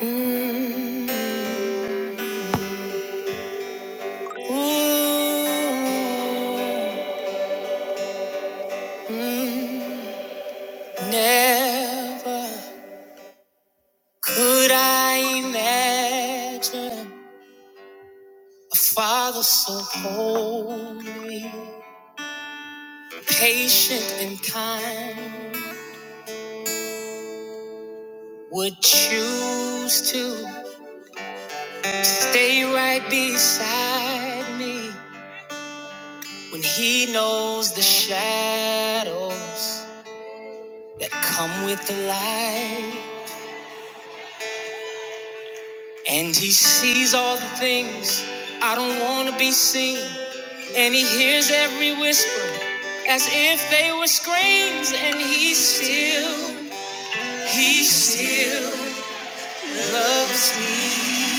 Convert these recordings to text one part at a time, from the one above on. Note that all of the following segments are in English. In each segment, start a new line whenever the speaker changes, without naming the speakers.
Mm, ooh, mm, Never could I imagine a father so holy, patient and kind, would choose to stay right beside me when he knows the shadows that come with the light. And he sees all the things I don't want to be seen. And he hears every whisper as if they were screams. And he still, he still loves me.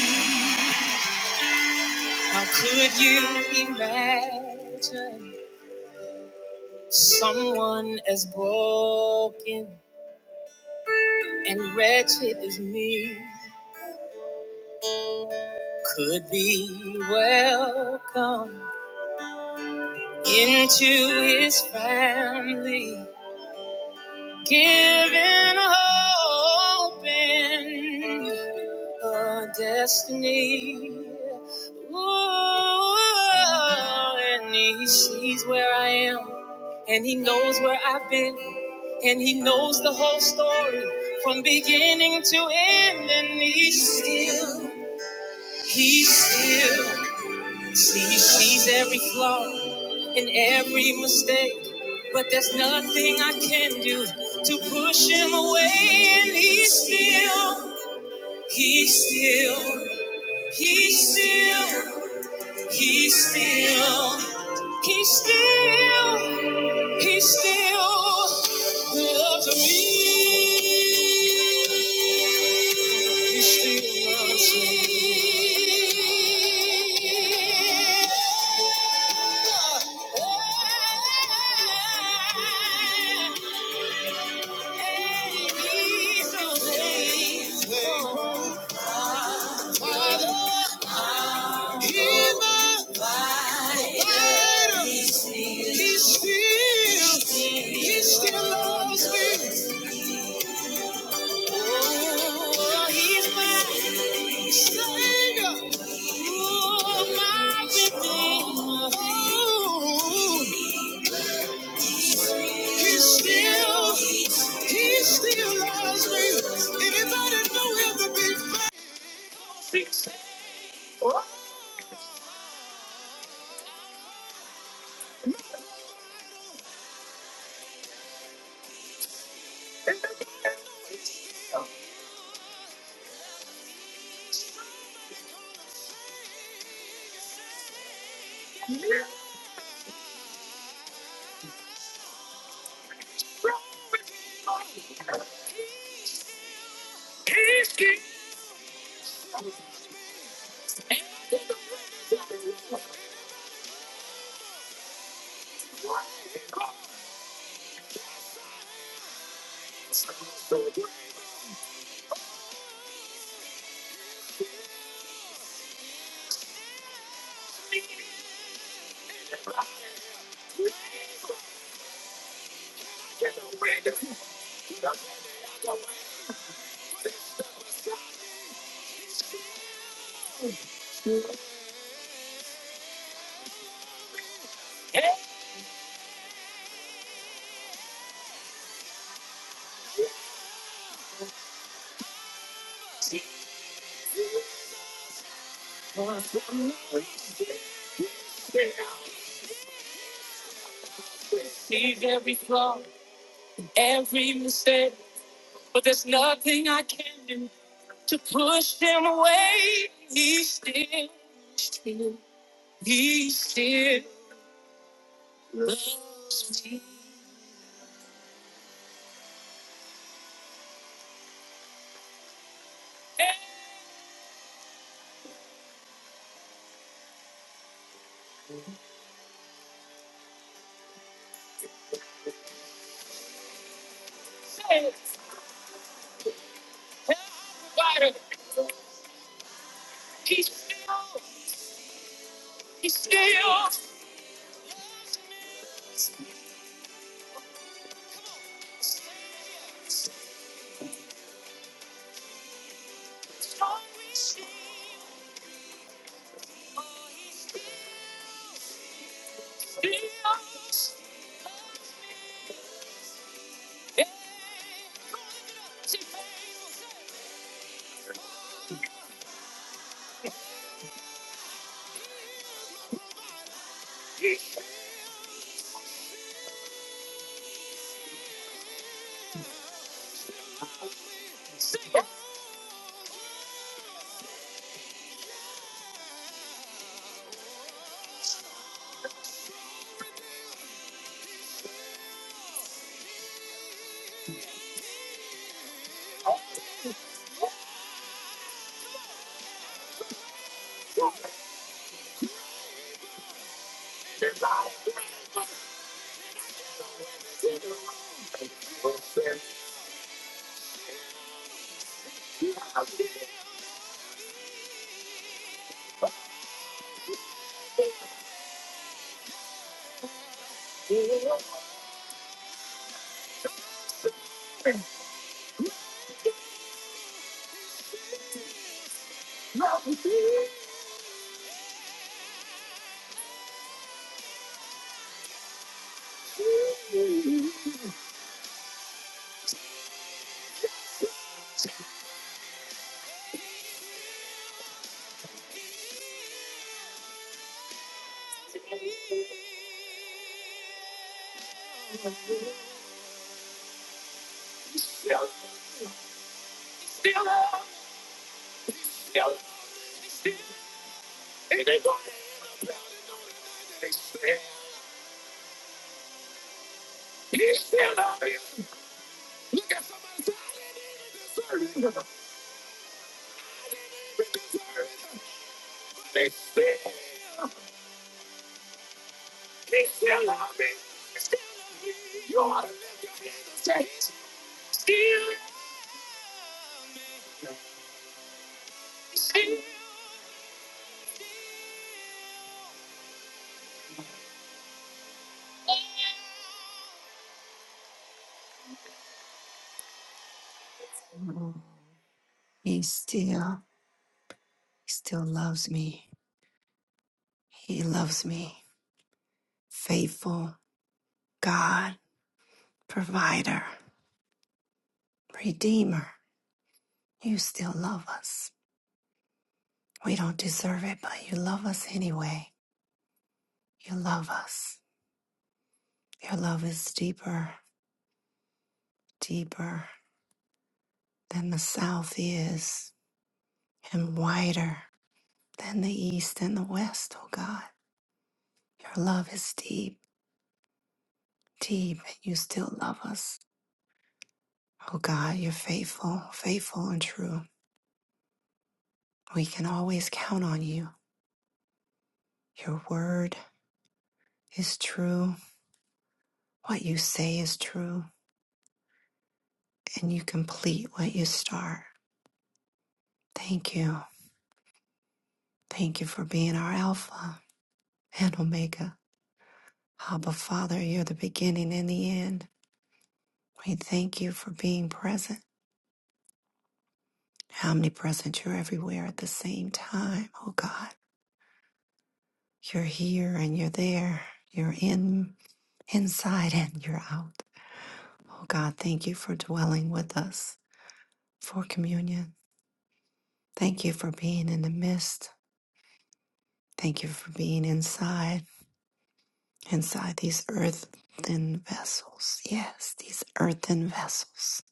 How could you imagine someone as broken and wretched as me could be welcome into his family? Giving hope in a destiny. Ooh, and he sees where I am, and he knows where I've been, and he knows the whole story from beginning to end, and he's still, he's still. See, He sees every flaw and every mistake, but there's nothing I can do to push him away. And he's still, he's still, he's still, he's still, he's still, he's still loves me. He still loves me. He still, he still loves me. Oh, he's my savior. He still, he still loves me. to Push them away. He still, he still, he still, he still loves me. He loves me. Faithful God, provider, redeemer. You still love us. We don't deserve it, but you love us anyway. You love us. Your love is deeper, deeper than the south is, and wider than the east and the west, oh God. Your love is deep. Deep, you still love us. Oh God, you're faithful, faithful and true. We can always count on you. Your word is true. What you say is true. And you complete what you start. Thank you. Thank you for being our Alpha and Omega. Abba, Father, you're the beginning and the end. We thank you for being present, omnipresent. You're everywhere at the same time. Oh God, you're here and you're there. You're in. inside and you're out. Oh God, thank you for dwelling with us for communion. Thank you for being in the midst. Thank you for being inside, inside these earthen vessels. Yes, these earthen vessels.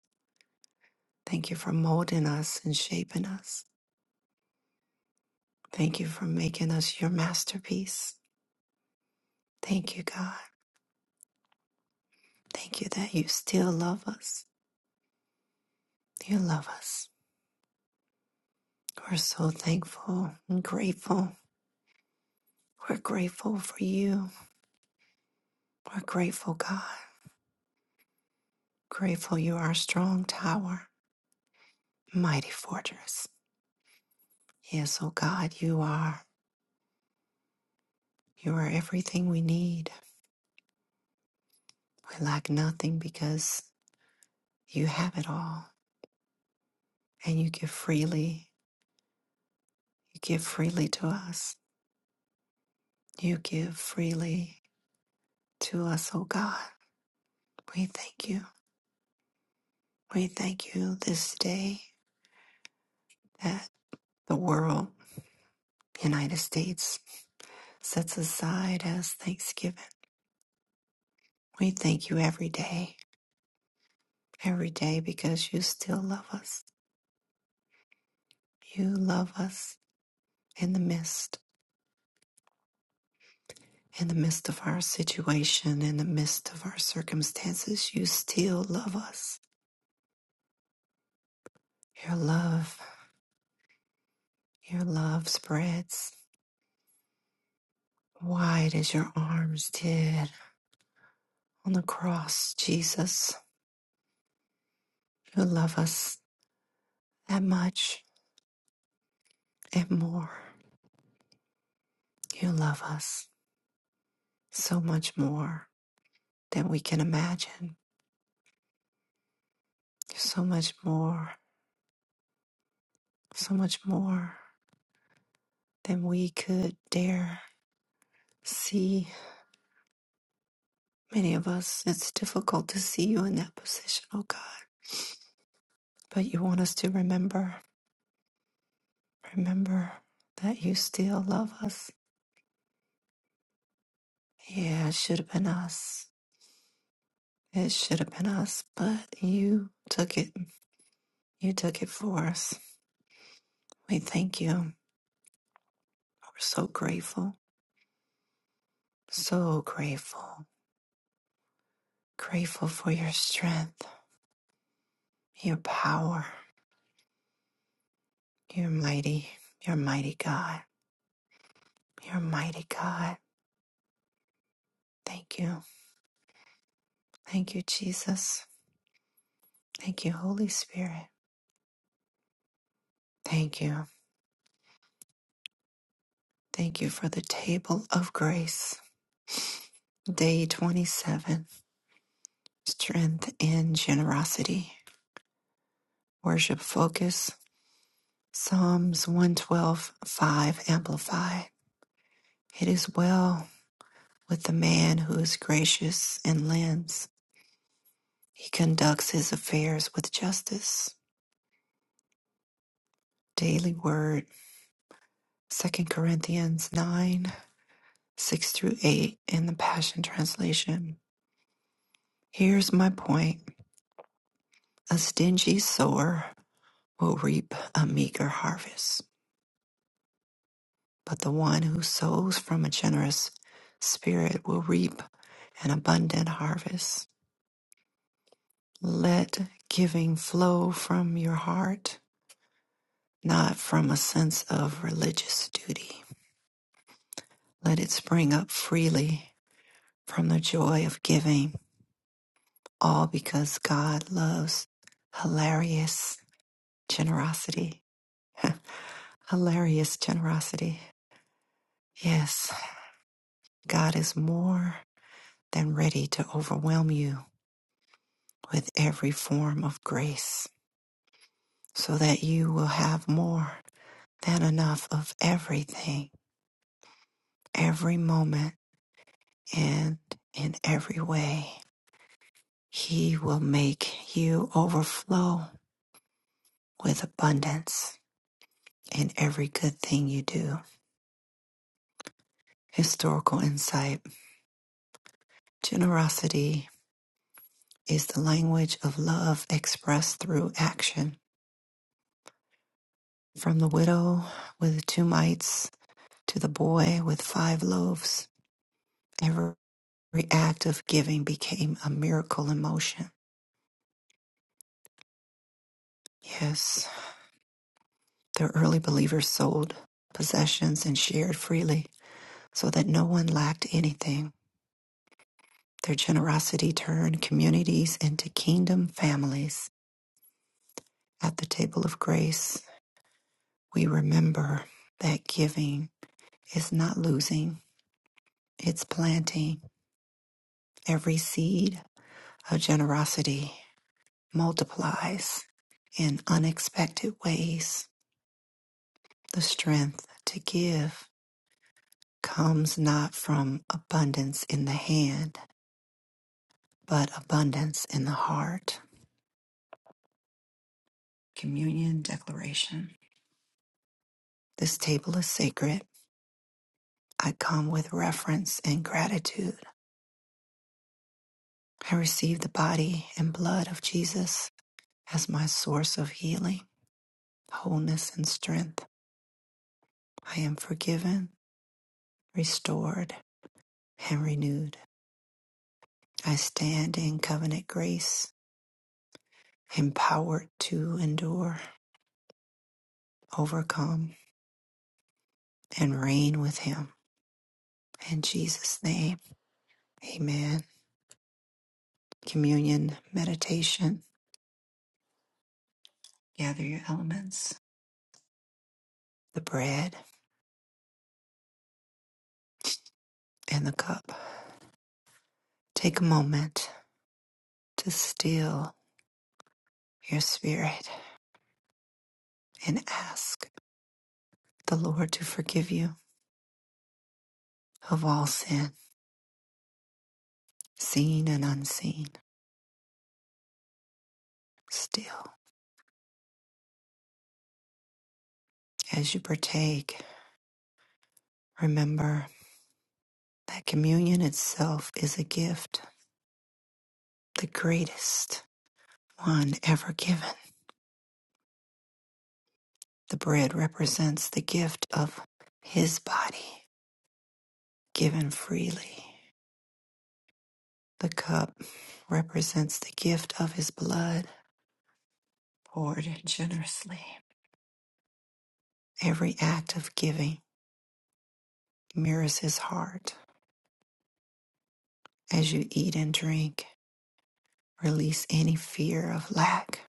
Thank you for molding us and shaping us. Thank you for making us your masterpiece. Thank you, God. Thank you that you still love us. You love us. We're so thankful and grateful. We're grateful for you. We're grateful, God. Grateful you are strong tower, mighty fortress. Yes, oh God, you are. You are everything we need. We lack nothing because you have it all and you give freely. You give freely to us. You give freely to us, oh God. We thank you. We thank you this day that the world, United States, sets aside as thanksgiving. We thank you every day every day because you still love us. You love us in the midst, in the midst of our situation, in the midst of our circumstances. You still love us. Your love, your love spreads wide as your arms did on the cross, Jesus. You love us that much and more. You love us so much more than we can imagine. So much more, so much more. than we could dare see. Many of us, it's difficult to see you in that position, oh God. But you want us to remember, remember that you still love us. Yeah, it should have been us. It should have been us, but you took it. You took it for us. We thank you. We're so grateful, so grateful, grateful for your strength, your power, your mighty, your mighty God, your mighty God. Thank you. Thank you, Jesus. Thank you, Holy Spirit. Thank you. Thank you for the table of grace. Day 27 Strength and Generosity. Worship Focus. Psalms one twelve five. 5 Amplify. It is well with the man who is gracious and lends. He conducts his affairs with justice. Daily Word. Second Corinthians 9 6 through 8 in the Passion Translation. Here's my point a stingy sower will reap a meager harvest, but the one who sows from a generous spirit will reap an abundant harvest. Let giving flow from your heart, not from a sense of religious duty. Let it spring up freely from the joy of giving, all because God loves hilarious generosity. Hilarious generosity. Yes. God is more than ready to overwhelm you with every form of grace so that you will have more than enough of everything, every moment, and in every way. He will make you overflow with abundance in every good thing you do. Historical insight generosity is the language of love expressed through action. From the widow with the two mites To the boy with five loaves, every act of giving became a miracle in motion. Yes, the early believers sold possessions and shared freely so that no one lacked anything. Their generosity turned communities into kingdom families. At the table of grace, we remember that giving is not losing, it's planting every seed of generosity multiplies in unexpected ways. The strength to give comes not from abundance in the hand, but abundance in the heart. Communion Declaration. This table is sacred. I come with reverence and gratitude. I receive the body and blood of Jesus as my source of healing, wholeness, and strength. I am forgiven, restored, and renewed. I stand in covenant grace, empowered to endure, overcome, and reign with Him. In Jesus' name, amen. Communion, meditation, gather your elements, the bread and the cup. Take a moment to still your spirit and ask the Lord to forgive you of all sin, seen and unseen. Still, as you partake, remember. that communion itself is a gift, the greatest one ever given. The bread represents the gift of his body given freely. The cup represents the gift of his blood poured generously. Every act of giving mirrors his heart. As you eat and drink, release any fear of lack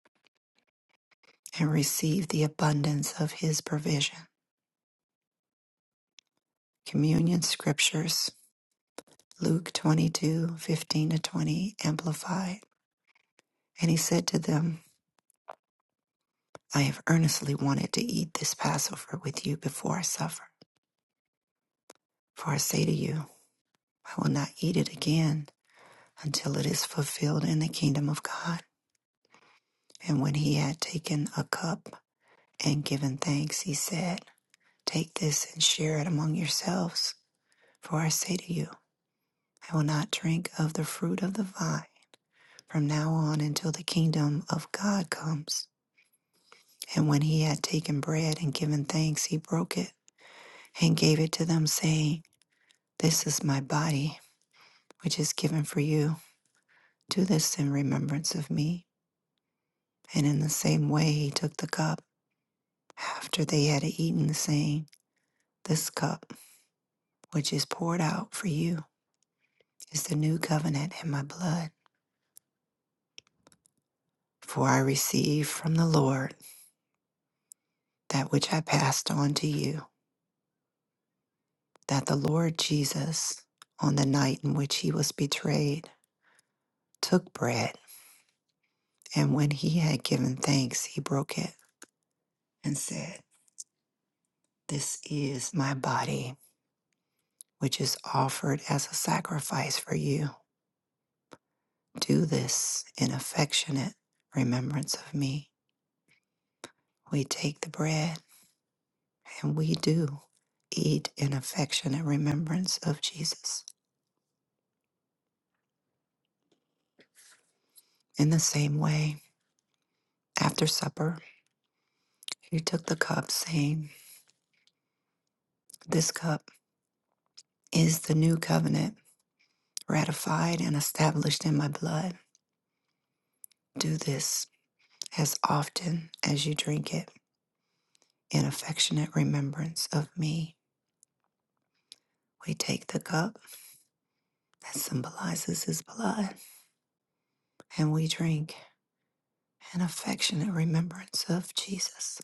and receive the abundance of his provision. Communion scriptures Luke 2215 to 20, Amplified. And he said to them, I have earnestly wanted to eat this Passover with you before I suffer. For I say to you, I will not eat it again until it is fulfilled in the kingdom of God. And when he had taken a cup and given thanks, he said, Take this and share it among yourselves. For I say to you, I will not drink of the fruit of the vine from now on until the kingdom of God comes. And when he had taken bread and given thanks, he broke it and gave it to them, saying, This is my body, which is given for you. Do this in remembrance of me. And in the same way, he took the cup after they had eaten, saying, This cup, which is poured out for you, is the new covenant in my blood. For I received from the Lord that which I passed on to you, that the Lord Jesus, on the night in which he was betrayed, took bread. And when he had given thanks, he broke it and said, This is my body, which is offered as a sacrifice for you. Do this in affectionate remembrance of me. We take the bread and we do eat in affectionate remembrance of Jesus. In the same way, after supper, he took the cup, saying, This cup is the new covenant ratified and established in my blood. Do this As often as you drink it in affectionate remembrance of me, we take the cup that symbolizes his blood and we drink in affectionate remembrance of Jesus.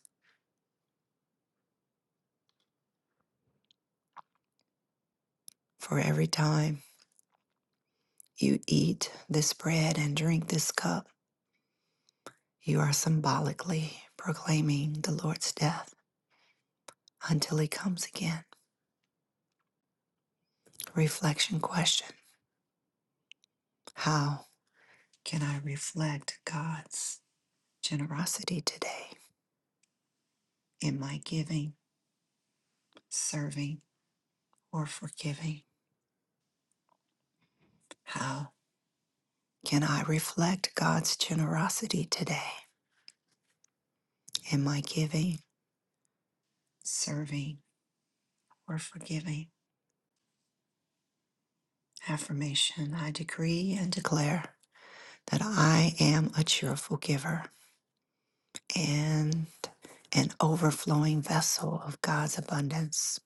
For every time you eat this bread and drink this cup, you are symbolically proclaiming the Lord's death until he comes again. Reflection question How can I reflect God's generosity today in my giving, serving, or forgiving? How can I reflect God's generosity today in my giving, serving, or forgiving? Affirmation I decree and declare that I am a cheerful giver and an overflowing vessel of God's abundance.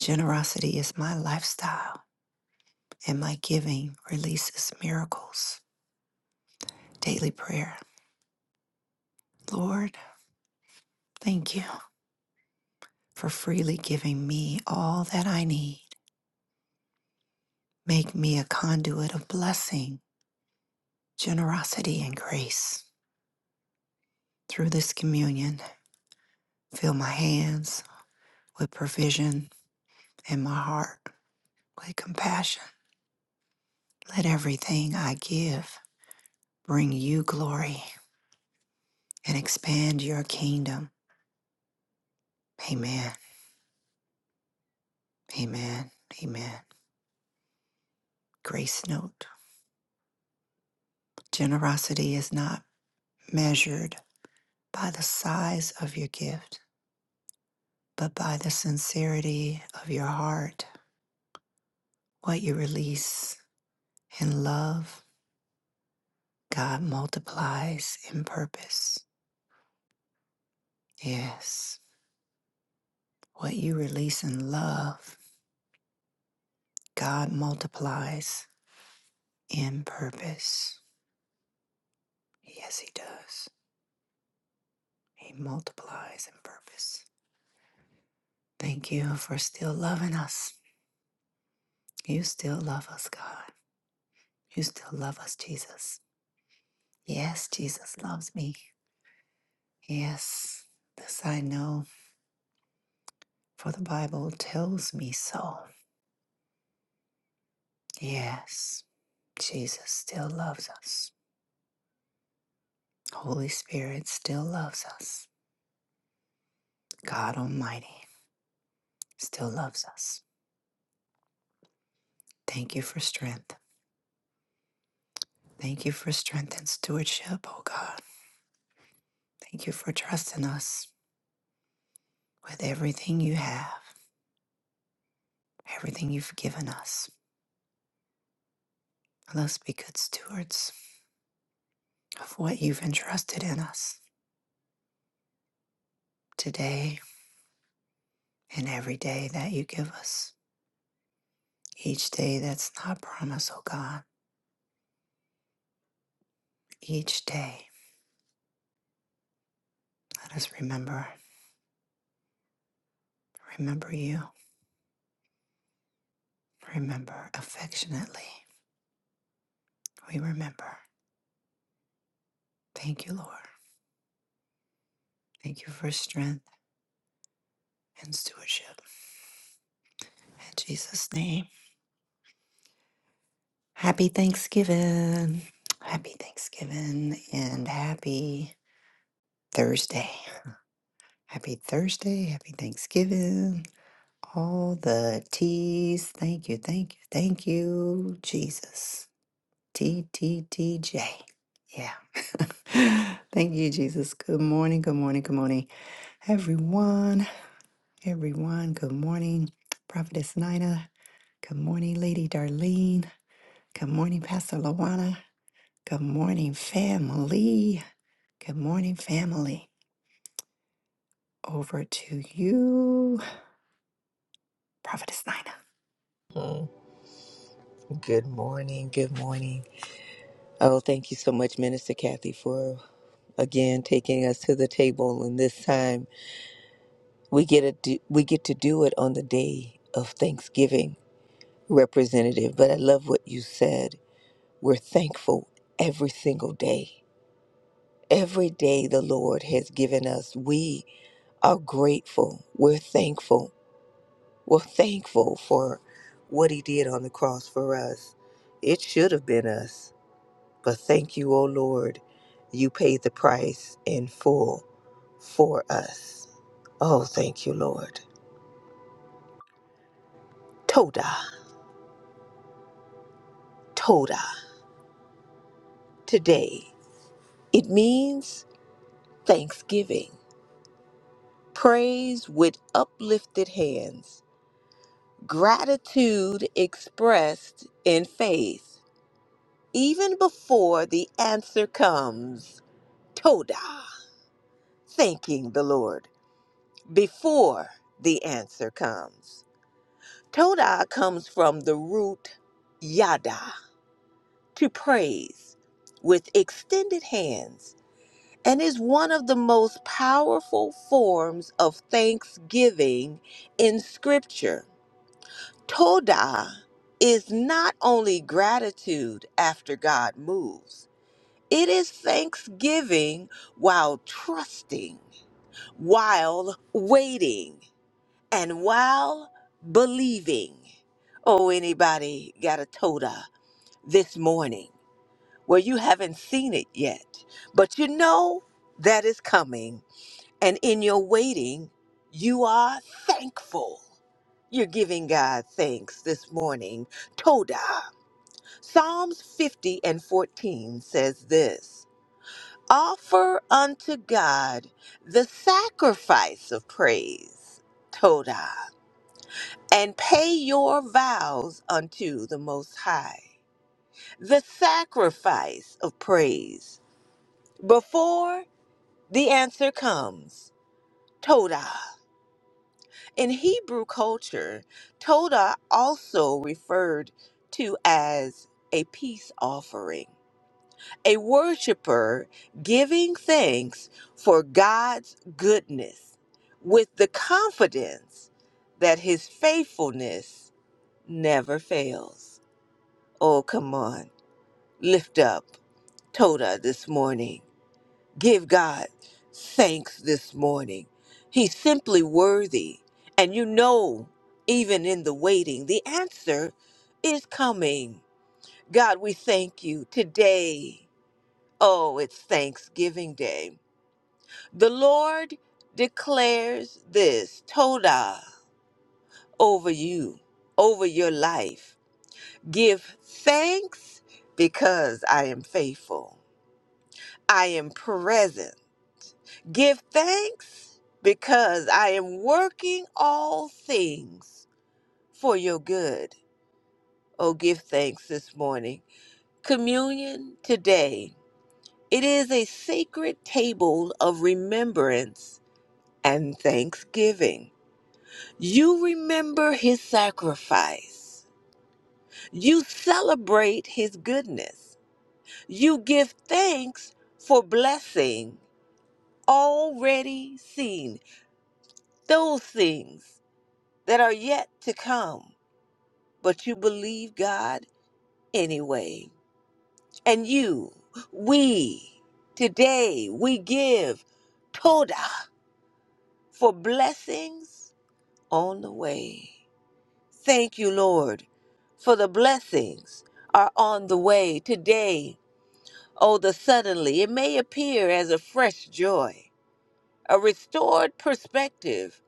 Generosity is my lifestyle, and my giving releases miracles. Daily prayer. Lord, thank you for freely giving me all that I need Make me a conduit of blessing, generosity, and grace. Through this communion, fill my hands with provision and my heart with compassion. Let everything I give bring you glory and expand your kingdom. Amen. Amen. Amen. Grace note Generosity is not measured by the size of your gift, but by the sincerity of your heart, what you release In love, God multiplies in purpose. Yes, what you release in love, God multiplies in purpose. Yes, He does. He multiplies in purpose. Thank you for still loving us. You still love us, God. You still love us, Jesus. Yes, Jesus loves me. Yes, this I know, for the Bible tells me so. Yes, Jesus still loves us. Holy Spirit still loves us. God Almighty still loves us. Thank you for strength. Thank you for strength and stewardship, oh God. Thank you for trusting us with everything you have, everything you've given us. Let us be good stewards of what you've entrusted in us today and every day that you give us. Each day that's not promised, oh God. Each day, let us remember, remember you, remember affectionately We remember. Thank you, Lord. Thank you for strength and stewardship. In Jesus' name. Happy Thanksgiving. Happy Thanksgiving and happy Thursday. Happy Thursday. Happy Thanksgiving. All the T's. Thank you. Thank you. Thank you, Jesus. T T T J. Yeah. Thank you, Jesus. Good morning. Good morning. Good morning, everyone. everyone. Good morning, Prophetess Nina. Good morning, Lady Darlene. Good morning, Pastor Lawana. Good morning, family. Good morning, family. Over to you, Prophetess Nina.
Good morning. Good morning. Oh, thank you so much, Minister Kathy, for again taking us to the table. And this time, we get a do, we get to do it on the day of Thanksgiving, Representative. But I love what you said. We're thankful every single day. Every day the Lord has given us, we are grateful. We're thankful. We're thankful for what He did on the cross for us. It should have been us But thank you, O Lord, you paid the price in full for us. Oh, thank you, Lord. Toda, Toda, today. It means thanksgiving, praise with uplifted hands, gratitude expressed in faith, even before the answer comes. Toda, thanking the Lord before the answer comes. Toda comes from the root yada, to praise, with extended hands, and is one of the most powerful forms of thanksgiving in Scripture. Toda is not only gratitude after God moves, it is thanksgiving while trusting, while waiting. And while believing, oh, anybody got a toda this morning where you haven't seen it yet, but you know that is coming. And in your waiting, you are thankful. You're giving God thanks this morning. Toda. Psalms 50 and 14 says this Offer unto God the sacrifice of praise. Toda and pay your vows unto the Most High, the sacrifice of praise, before the answer comes. Todah. In Hebrew culture, Todah also referred to as a peace offering, a worshiper giving thanks for God's goodness with the confidence that his faithfulness never fails. Oh, come on. Lift up Toda this morning. Give God thanks this morning. He's simply worthy. And you know, even in the waiting, the answer is coming. God, we thank you today. Oh, it's Thanksgiving Day. The Lord declares this Toda over you, over your life. Give thanks because I am faithful. I am present. Give thanks because I am working all things for your good. Oh, give thanks this morning. Communion today. It is a sacred table of remembrance and thanksgiving. You remember his sacrifice. You celebrate his goodness. You give thanks for blessing already seen those things that are yet to come, but you believe God anyway. And you, we, today, we give Toda for blessings on the way. Thank you, Lord, for the blessings are on the way today. Oh, the suddenly, it may appear as a fresh joy, a restored perspective,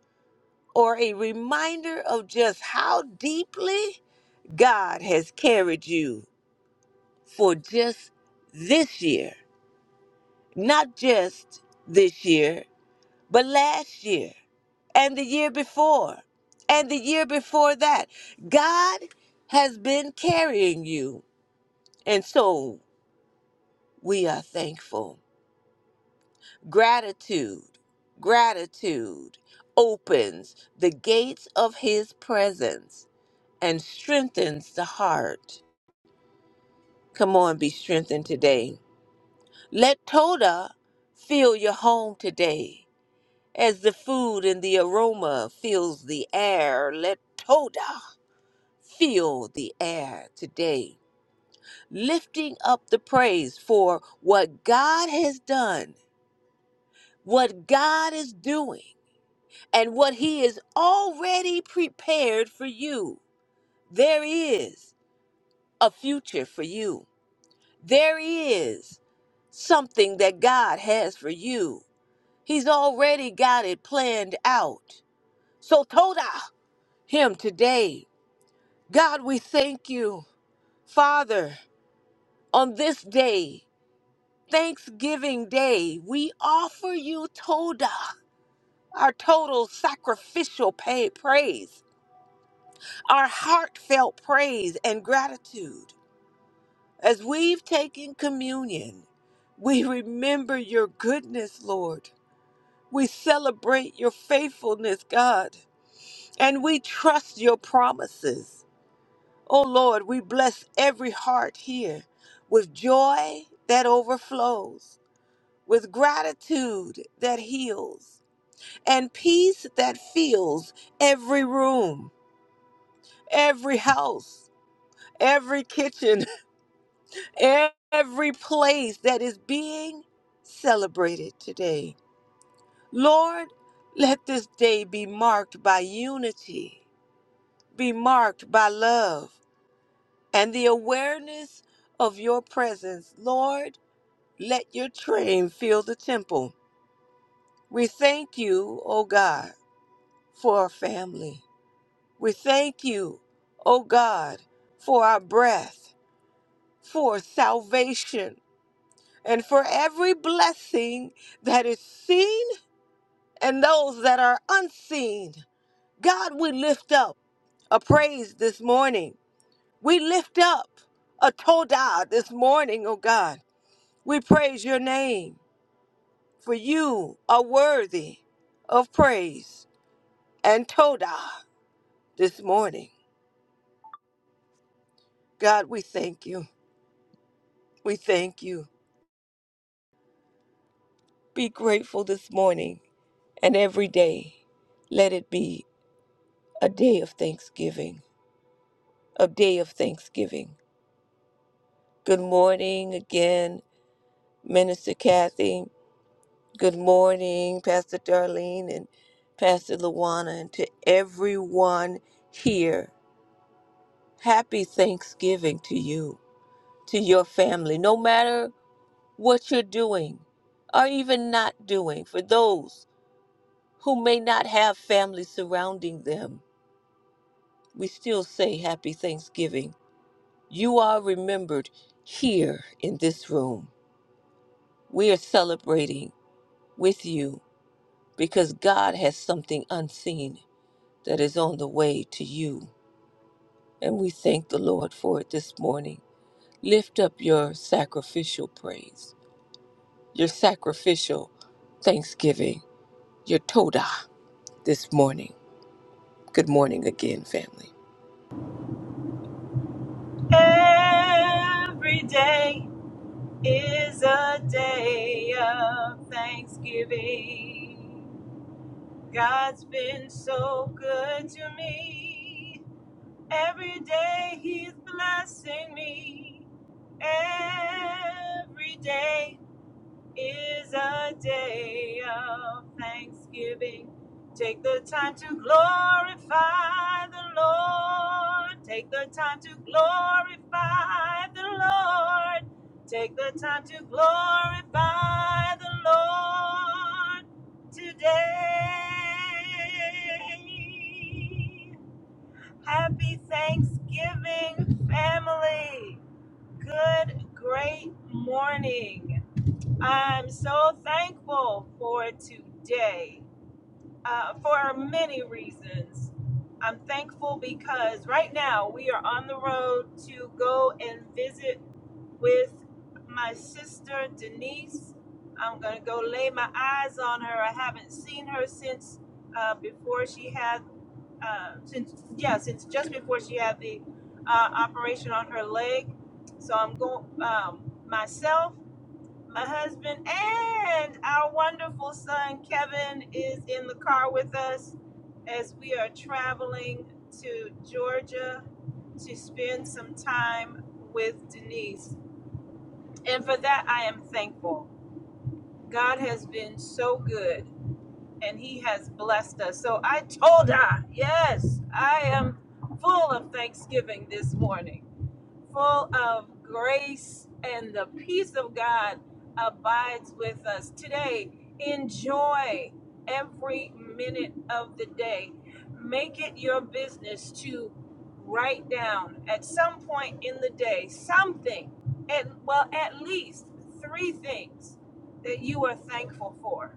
or a reminder of just how deeply God has carried you for just this year, not just this year, but last year and the year before and the year before that. God has been carrying you. And so we are thankful. Gratitude, gratitude opens the gates of his presence and strengthens the heart. Come on, be strengthened today. Let Toda fill your home today. As the food and the aroma fills the air, let Toda fill the air today, lifting up the praise for what God has done, what God is doing, and what He is already prepared for you. There is a future for you. There is something that God has for you. He's already got it planned out. So Toda Him today God, we thank you. Father, on this day, Thanksgiving Day, we offer you Toda, our total sacrificial pay, praise, our heartfelt praise and gratitude. As we've taken communion, we remember your goodness, Lord. We celebrate your faithfulness, God, and we trust your promises. Oh Lord, we bless every heart here with joy that overflows, with gratitude that heals, and peace that fills every room, every house, every kitchen, every place that is being celebrated today. Lord, let this day be marked by unity, be marked by love, and the awareness of your presence, Lord. Let your train fill the temple. We thank you, O God, for our family. We thank you, O God, for our breath, for salvation, and for every blessing that is seen and those that are unseen. God, we lift up a praise this morning. We lift up a todah this morning, O God. We praise your name. for you are worthy of praise and Todah this morning. God, we thank you. We thank you. Be grateful this morning and every day. Let it be a day of thanksgiving, a day of thanksgiving. Good morning again, Minister Kathy. Good morning, Pastor Darlene and Pastor Luana, and to everyone here. Happy Thanksgiving to you. to your family, no matter what you're doing or even not doing. For those who may not have family surrounding them, we still say Happy Thanksgiving. You are remembered here in this room. We are celebrating with you because God has something unseen that is on the way to you. And we thank the Lord for it this morning. Lift up your sacrificial praise, your sacrificial thanksgiving your Toda this morning. Good morning again, family.
Every day is a day of thanksgiving. God's been so good to me. Every day He's blessing me. Every day is a day of thanksgiving. Take the time to glorify the Lord. Take the time to glorify the Lord. Take the time to glorify the Lord today. Happy Thanksgiving, family. Good, great morning. I'm so thankful for today uh, for many reasons. I'm thankful because right now we are on the road to go and visit with my sister Denise. I'm going to go lay my eyes on her. I haven't seen her since uh, before she had, uh, since, yeah, since just before she had the uh, operation on her leg. So I'm going, um, myself my husband, and our wonderful son Kevin is in the car with us as we are traveling to Georgia to spend some time with Denise. And for that, I am thankful. God has been so good and He has blessed us. So I told her, yes, I am full of thanksgiving this morning full of grace and the peace of God abides with us today. Enjoy every minute of the day. Make it your business to write down at some point in the day something, and well, at least three things that you are thankful for.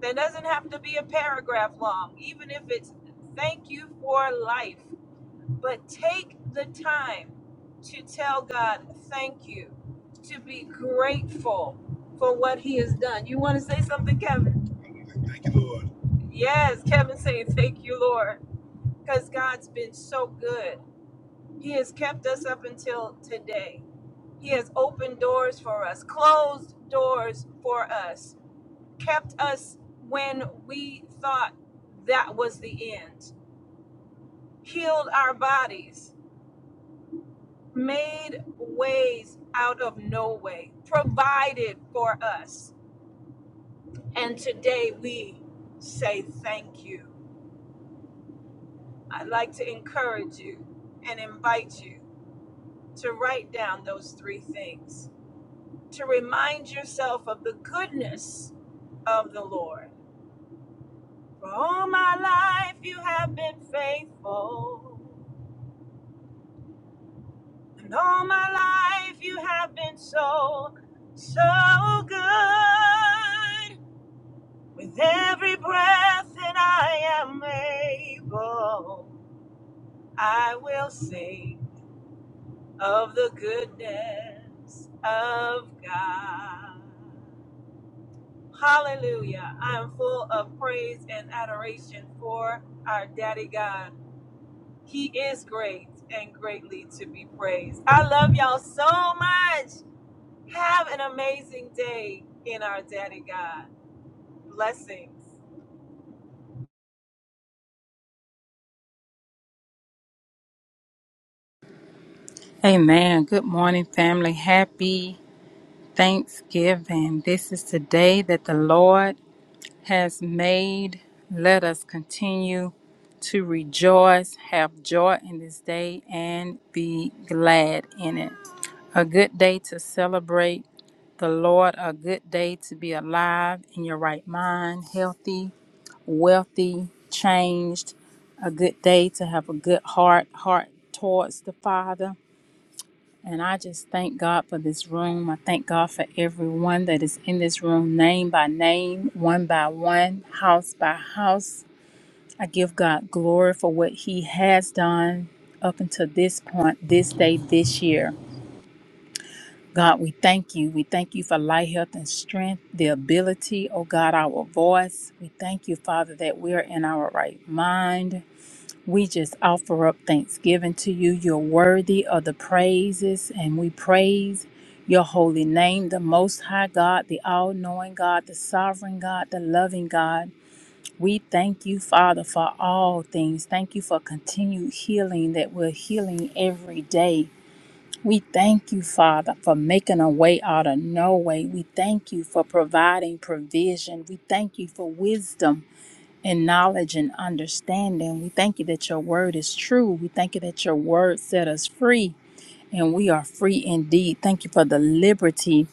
That doesn't have to be a paragraph long, even if it's thank you for life but take the time to tell God thank you, to be grateful for what He has done. You want to say something, Kevin? Thank you, Lord. Yes, Kevin saying thank you, Lord, because God's been so good. He has kept us up until today. He has opened doors for us, closed doors for us, kept us when we thought that was the end, healed our bodies, made ways out of no way, provided for us. And today we say thank you. I'd like to encourage you and invite you to write down those three things, to remind yourself of the goodness of the Lord. For all my life you have been faithful, and all my life you have been so, so good. With every breath that I am able, I will sing of the goodness of God. Hallelujah. I am full of praise and adoration for our daddy God. He is great and greatly to be praised. I love y'all so much. Have an amazing day in our daddy God. Blessings.
Amen. Good morning, family. Happy Thanksgiving. This is the day that the Lord has made. Let us continue to rejoice, have joy in this day, and be glad in it. A good day to celebrate the Lord, a good day to be alive in your right mind, healthy, wealthy, changed, a good day to have a good heart, heart towards the Father and I just thank God for this room. I thank God for everyone that is in this room, name by name, one by one, house by house. I give God glory for what He has done up until this point, this day, this year. God, we thank you. We thank you for light, health, and strength, the ability, oh God, our voice. We thank you, Father, that we are in our right mind. We just offer up thanksgiving to you. You're worthy of the praises, and we praise your holy name, the Most High God, the All Knowing God, the Sovereign God, the Loving God. We thank you, Father, for all things. Thank you for continued healing that we're healing every day. We thank you, Father, for making a way out of no way. We thank you for providing provision. We thank you for wisdom. And knowledge and understanding. We thank you that your word is true. We thank you that your word set us free, and we are free indeed. Thank you for the liberty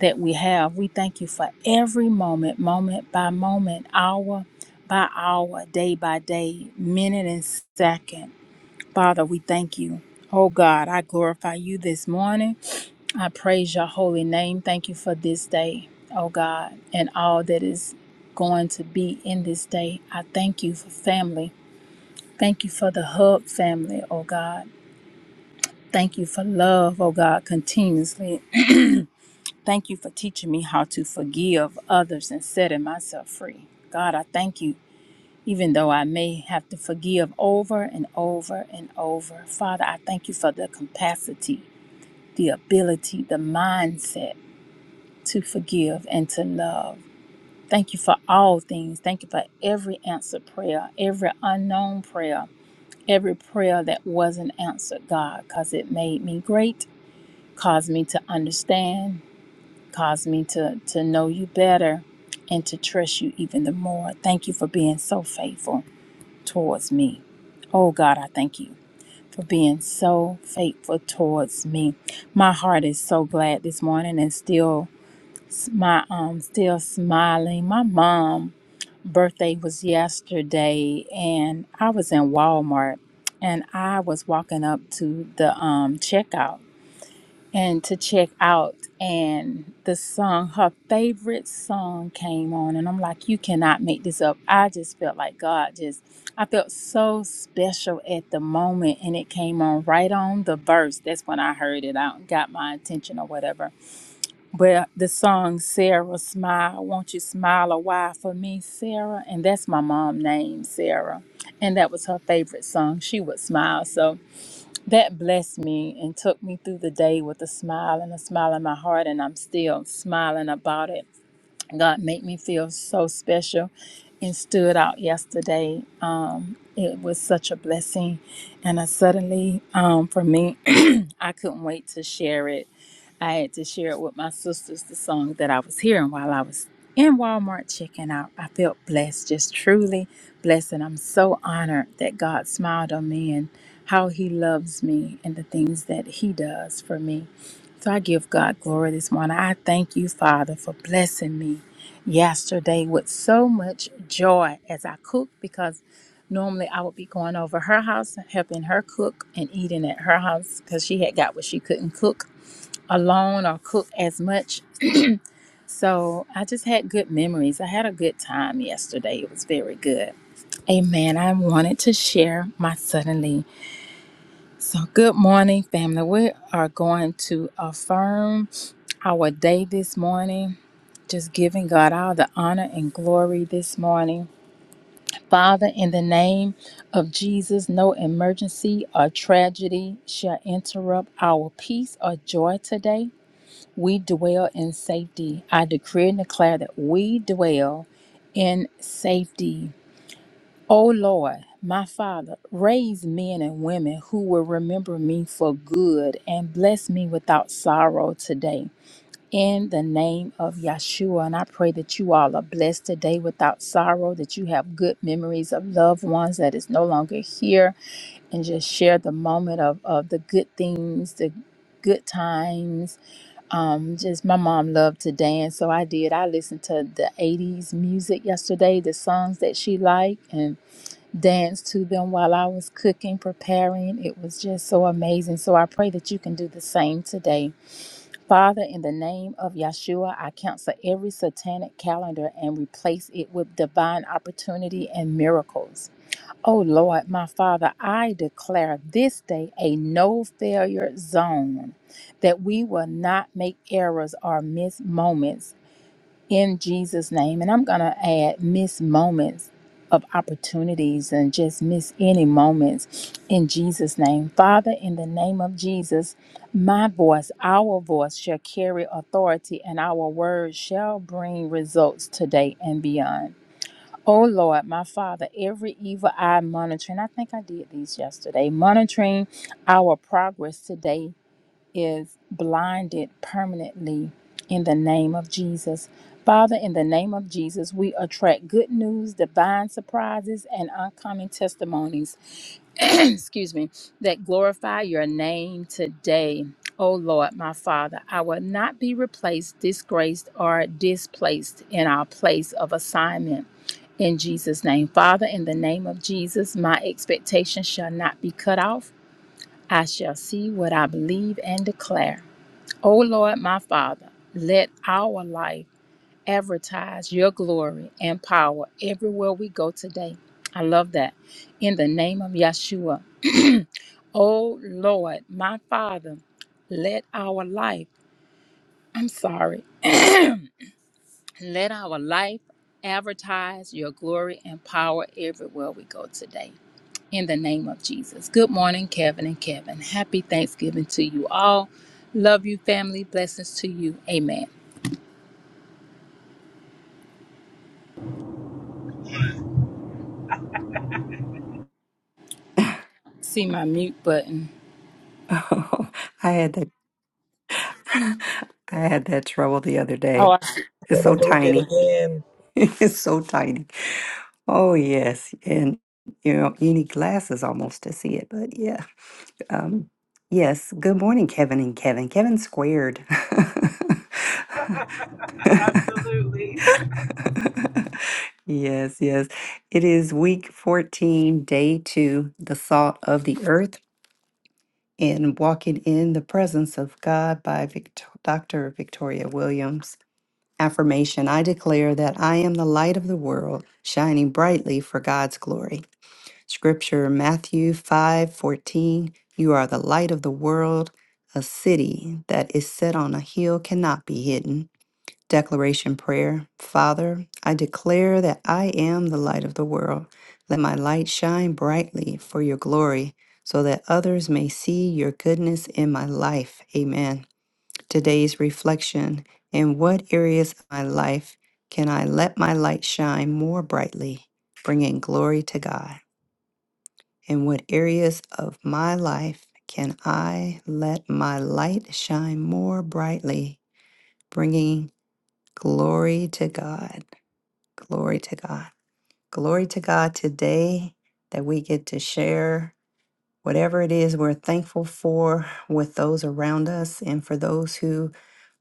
that we have. We thank you for every moment, moment by moment, hour by hour, day by day, minute and second. Father, we thank you. Oh God, I glorify you this morning. I praise your holy name. Thank you for this day, oh God, and all that is going to be in this day. I thank you for family. Thank you for the hub family, oh God. Thank you for love, oh God, continuously. Thank you for teaching me how to forgive others and setting myself free. God, I thank you, even though I may have to forgive over and over and over. Father, I thank you for the capacity, the ability, the mindset to forgive and to love. Thank you for all things. Thank you for every answered prayer, every unknown prayer, every prayer that wasn't answered, God, because it made me great, caused me to understand, caused me to, to know you better, and to trust you even the more. Thank you for being so faithful towards me. Oh, God, I thank you for being so faithful towards me. My heart is so glad this morning and still my um still smiling. My mom birthday was yesterday and I was in Walmart and I was walking up to the um checkout and to check out and the song her favorite song came on and I'm like you cannot make this up. I just felt like God just I felt so special at the moment and it came on right on the verse. That's when I heard it out and got my attention or whatever but the song Sarah Smile, Won't You Smile a While for Me, Sarah? And that's my mom's name, Sarah. And that was her favorite song. She would smile. So that blessed me and took me through the day with a smile and a smile in my heart. And I'm still smiling about it. God made me feel so special and stood out yesterday. Um, it was such a blessing. And I suddenly, um, for me, I couldn't wait to share it. I had to share it with my sisters, the song that I was hearing while I was in Walmart checking out. I felt blessed, just truly blessed. And I'm so honored that God smiled on me and how He loves me and the things that He does for me. So I give God glory this morning. I thank you, Father, for blessing me yesterday with so much joy as I cooked because normally I would be going over her house, helping her cook and eating at her house because she had got what she couldn't cook alone or cook as much. So I just had good memories. I had a good time yesterday. It was very good. Amen. I wanted to share my suddenly. So, good morning, family. We are going to affirm our day this morning, just giving God all the honor and glory this morning. Father, in the name of Jesus, no emergency or tragedy shall interrupt our peace or joy today. We dwell in safety. I decree and declare that we dwell in safety. O Lord, my Father, raise men and women who will remember me for good and bless me without sorrow today. In the name of Yeshua, and I pray that you all are blessed today without sorrow, that you have good memories of loved ones that is no longer here, and just share the moment of, of the good things, the good times. Um, just my mom loved to dance, so I did. I listened to the 80s music yesterday, the songs that she liked, and dance to them while I was cooking, preparing. It was just so amazing. So I pray that you can do the same today. Father, in the name of Yeshua, I cancel every satanic calendar and replace it with divine opportunity and miracles. Oh Lord, my Father, I declare this day a no failure zone that we will not make errors or miss moments in Jesus' name. And I'm going to add miss moments of opportunities and just miss any moments in Jesus' name. Father, in the name of Jesus, my voice, our voice shall carry authority, and our words shall bring results today and beyond. Oh Lord, my Father, every evil eye monitoring, I think I did these yesterday, monitoring our progress today is blinded permanently in the name of Jesus. Father, in the name of Jesus, we attract good news, divine surprises, and uncommon testimonies, excuse me, that glorify your name today. Oh Lord, my Father, I will not be replaced, disgraced, or displaced in our place of assignment. In Jesus' name, Father, in the name of Jesus, my expectation shall not be cut off. I shall see what I believe and declare. O Lord my Father, let our life advertise your glory and power everywhere we go today. I love that. In the name of Yeshua. O Lord my Father, let our life, I'm sorry, let our life advertise your glory and power everywhere we go today. In the name of Jesus. Good morning, Kevin and Kevin. Happy Thanksgiving to you all. Love you, family. Blessings to you. Amen. See my mute button.
Oh, I had that. I had that trouble the other day.
Oh, I
Yeah,
It's
they
so
moved it
tiny.
again.
it's so tiny. Oh yes, and you know you need glasses almost to see it. But yeah, um, yes. Good morning, Kevin and Kevin. Kevin squared.
Absolutely.
yes, yes. It is week fourteen, day two, the salt of the earth, and walking in the presence of God by Victor- Dr. Victoria Williams. Affirmation I declare that I am the light of the world, shining brightly for God's glory. Scripture Matthew 5 14 You are the light of the world. A city that is set on a hill cannot be hidden. Declaration Prayer Father, I declare that I am the light of the world. Let my light shine brightly for your glory, so that others may see your goodness in my life. Amen today's reflection. In what areas of my life can I let my light shine more brightly, bringing glory to God? In what areas of my life can I let my light shine more brightly, bringing glory to God? Glory to God. Glory to God today that we get to share Whatever it is we're thankful for with those around us and for those who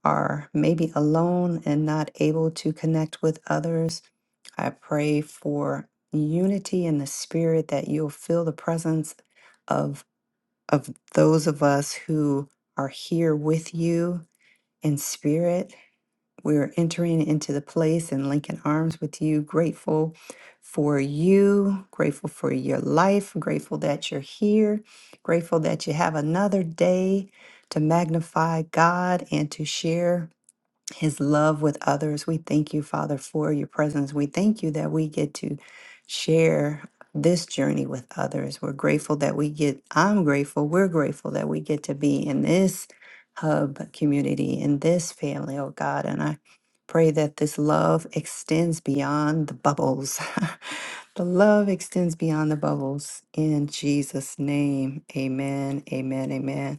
are maybe alone and not able to connect with others, I pray for unity in the spirit that you'll feel the presence of of those of us who are here with you in spirit we're entering into the place and linking arms with you, grateful for you, grateful for your life, grateful that you're here, grateful that you have another day to magnify God and to share his love with others. We thank you, Father, for your presence. We thank you that we get to share this journey with others. We're grateful that we get, I'm grateful, we're grateful that we get to be in this hub community, in this family, oh God. And I pray that this love extends beyond the bubbles. the love extends beyond the bubbles. In Jesus' name, amen, amen, amen.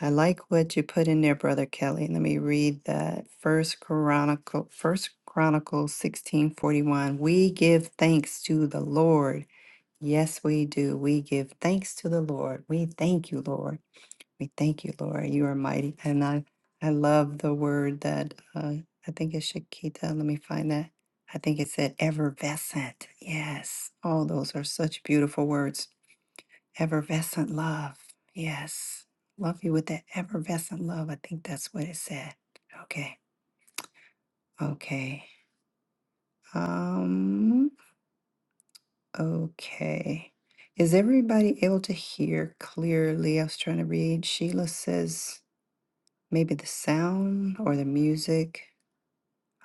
I like what you put in there, Brother Kelly. Let me read that. First Chronicle, First Chronicles sixteen forty one. We give thanks to the Lord. Yes, we do. We give thanks to the Lord. We thank you, Lord. We thank you, Lord. You are mighty, and I I love the word that uh, I think it's Shakita. Let me find that. I think it said effervescent. Yes. Oh, those are such beautiful words Effervescent love. Yes. Love you with that effervescent love. I think that's what it said. Okay. Okay. Um, okay. Is everybody able to hear clearly? I was trying to read. Sheila says maybe the sound or the music.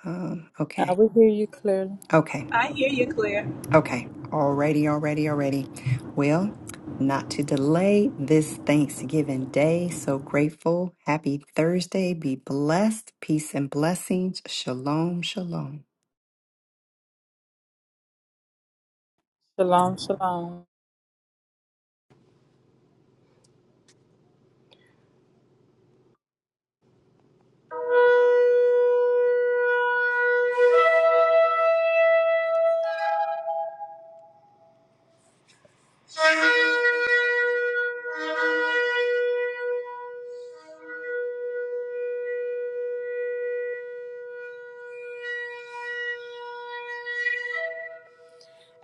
Um,
I
okay.
will hear you clearly.
Okay.
I hear you, Claire.
Okay. already, already, already. Well, not to delay this Thanksgiving day. So grateful. Happy Thursday. Be blessed. Peace and blessings. Shalom, shalom.
Shalom, shalom.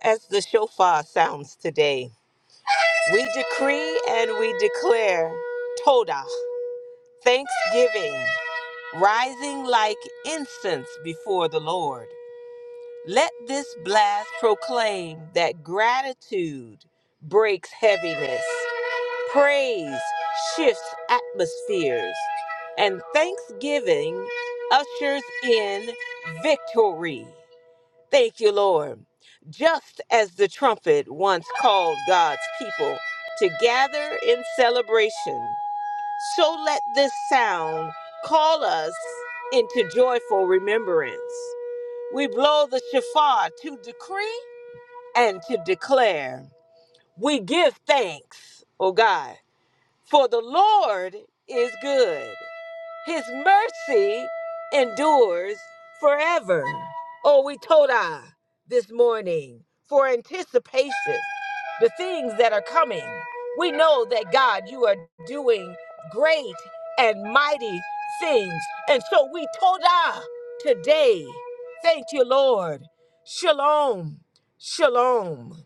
As the shofar sounds today, we decree and we declare Toda, thanksgiving. rising like incense before the Lord. Let this blast proclaim that gratitude breaks heaviness, praise shifts atmospheres, and thanksgiving ushers in victory. Thank you, Lord. Just as the trumpet once called God's people to gather in celebration, so let this sound call us into joyful remembrance. We blow the shofar to decree and to declare. We give thanks, O God, for the Lord is good. His mercy endures forever. Oh, we told I this morning for anticipation, the things that are coming. We know that God, you are doing great and mighty things. And so we told I today. Thank you, Lord. Shalom. Shalom.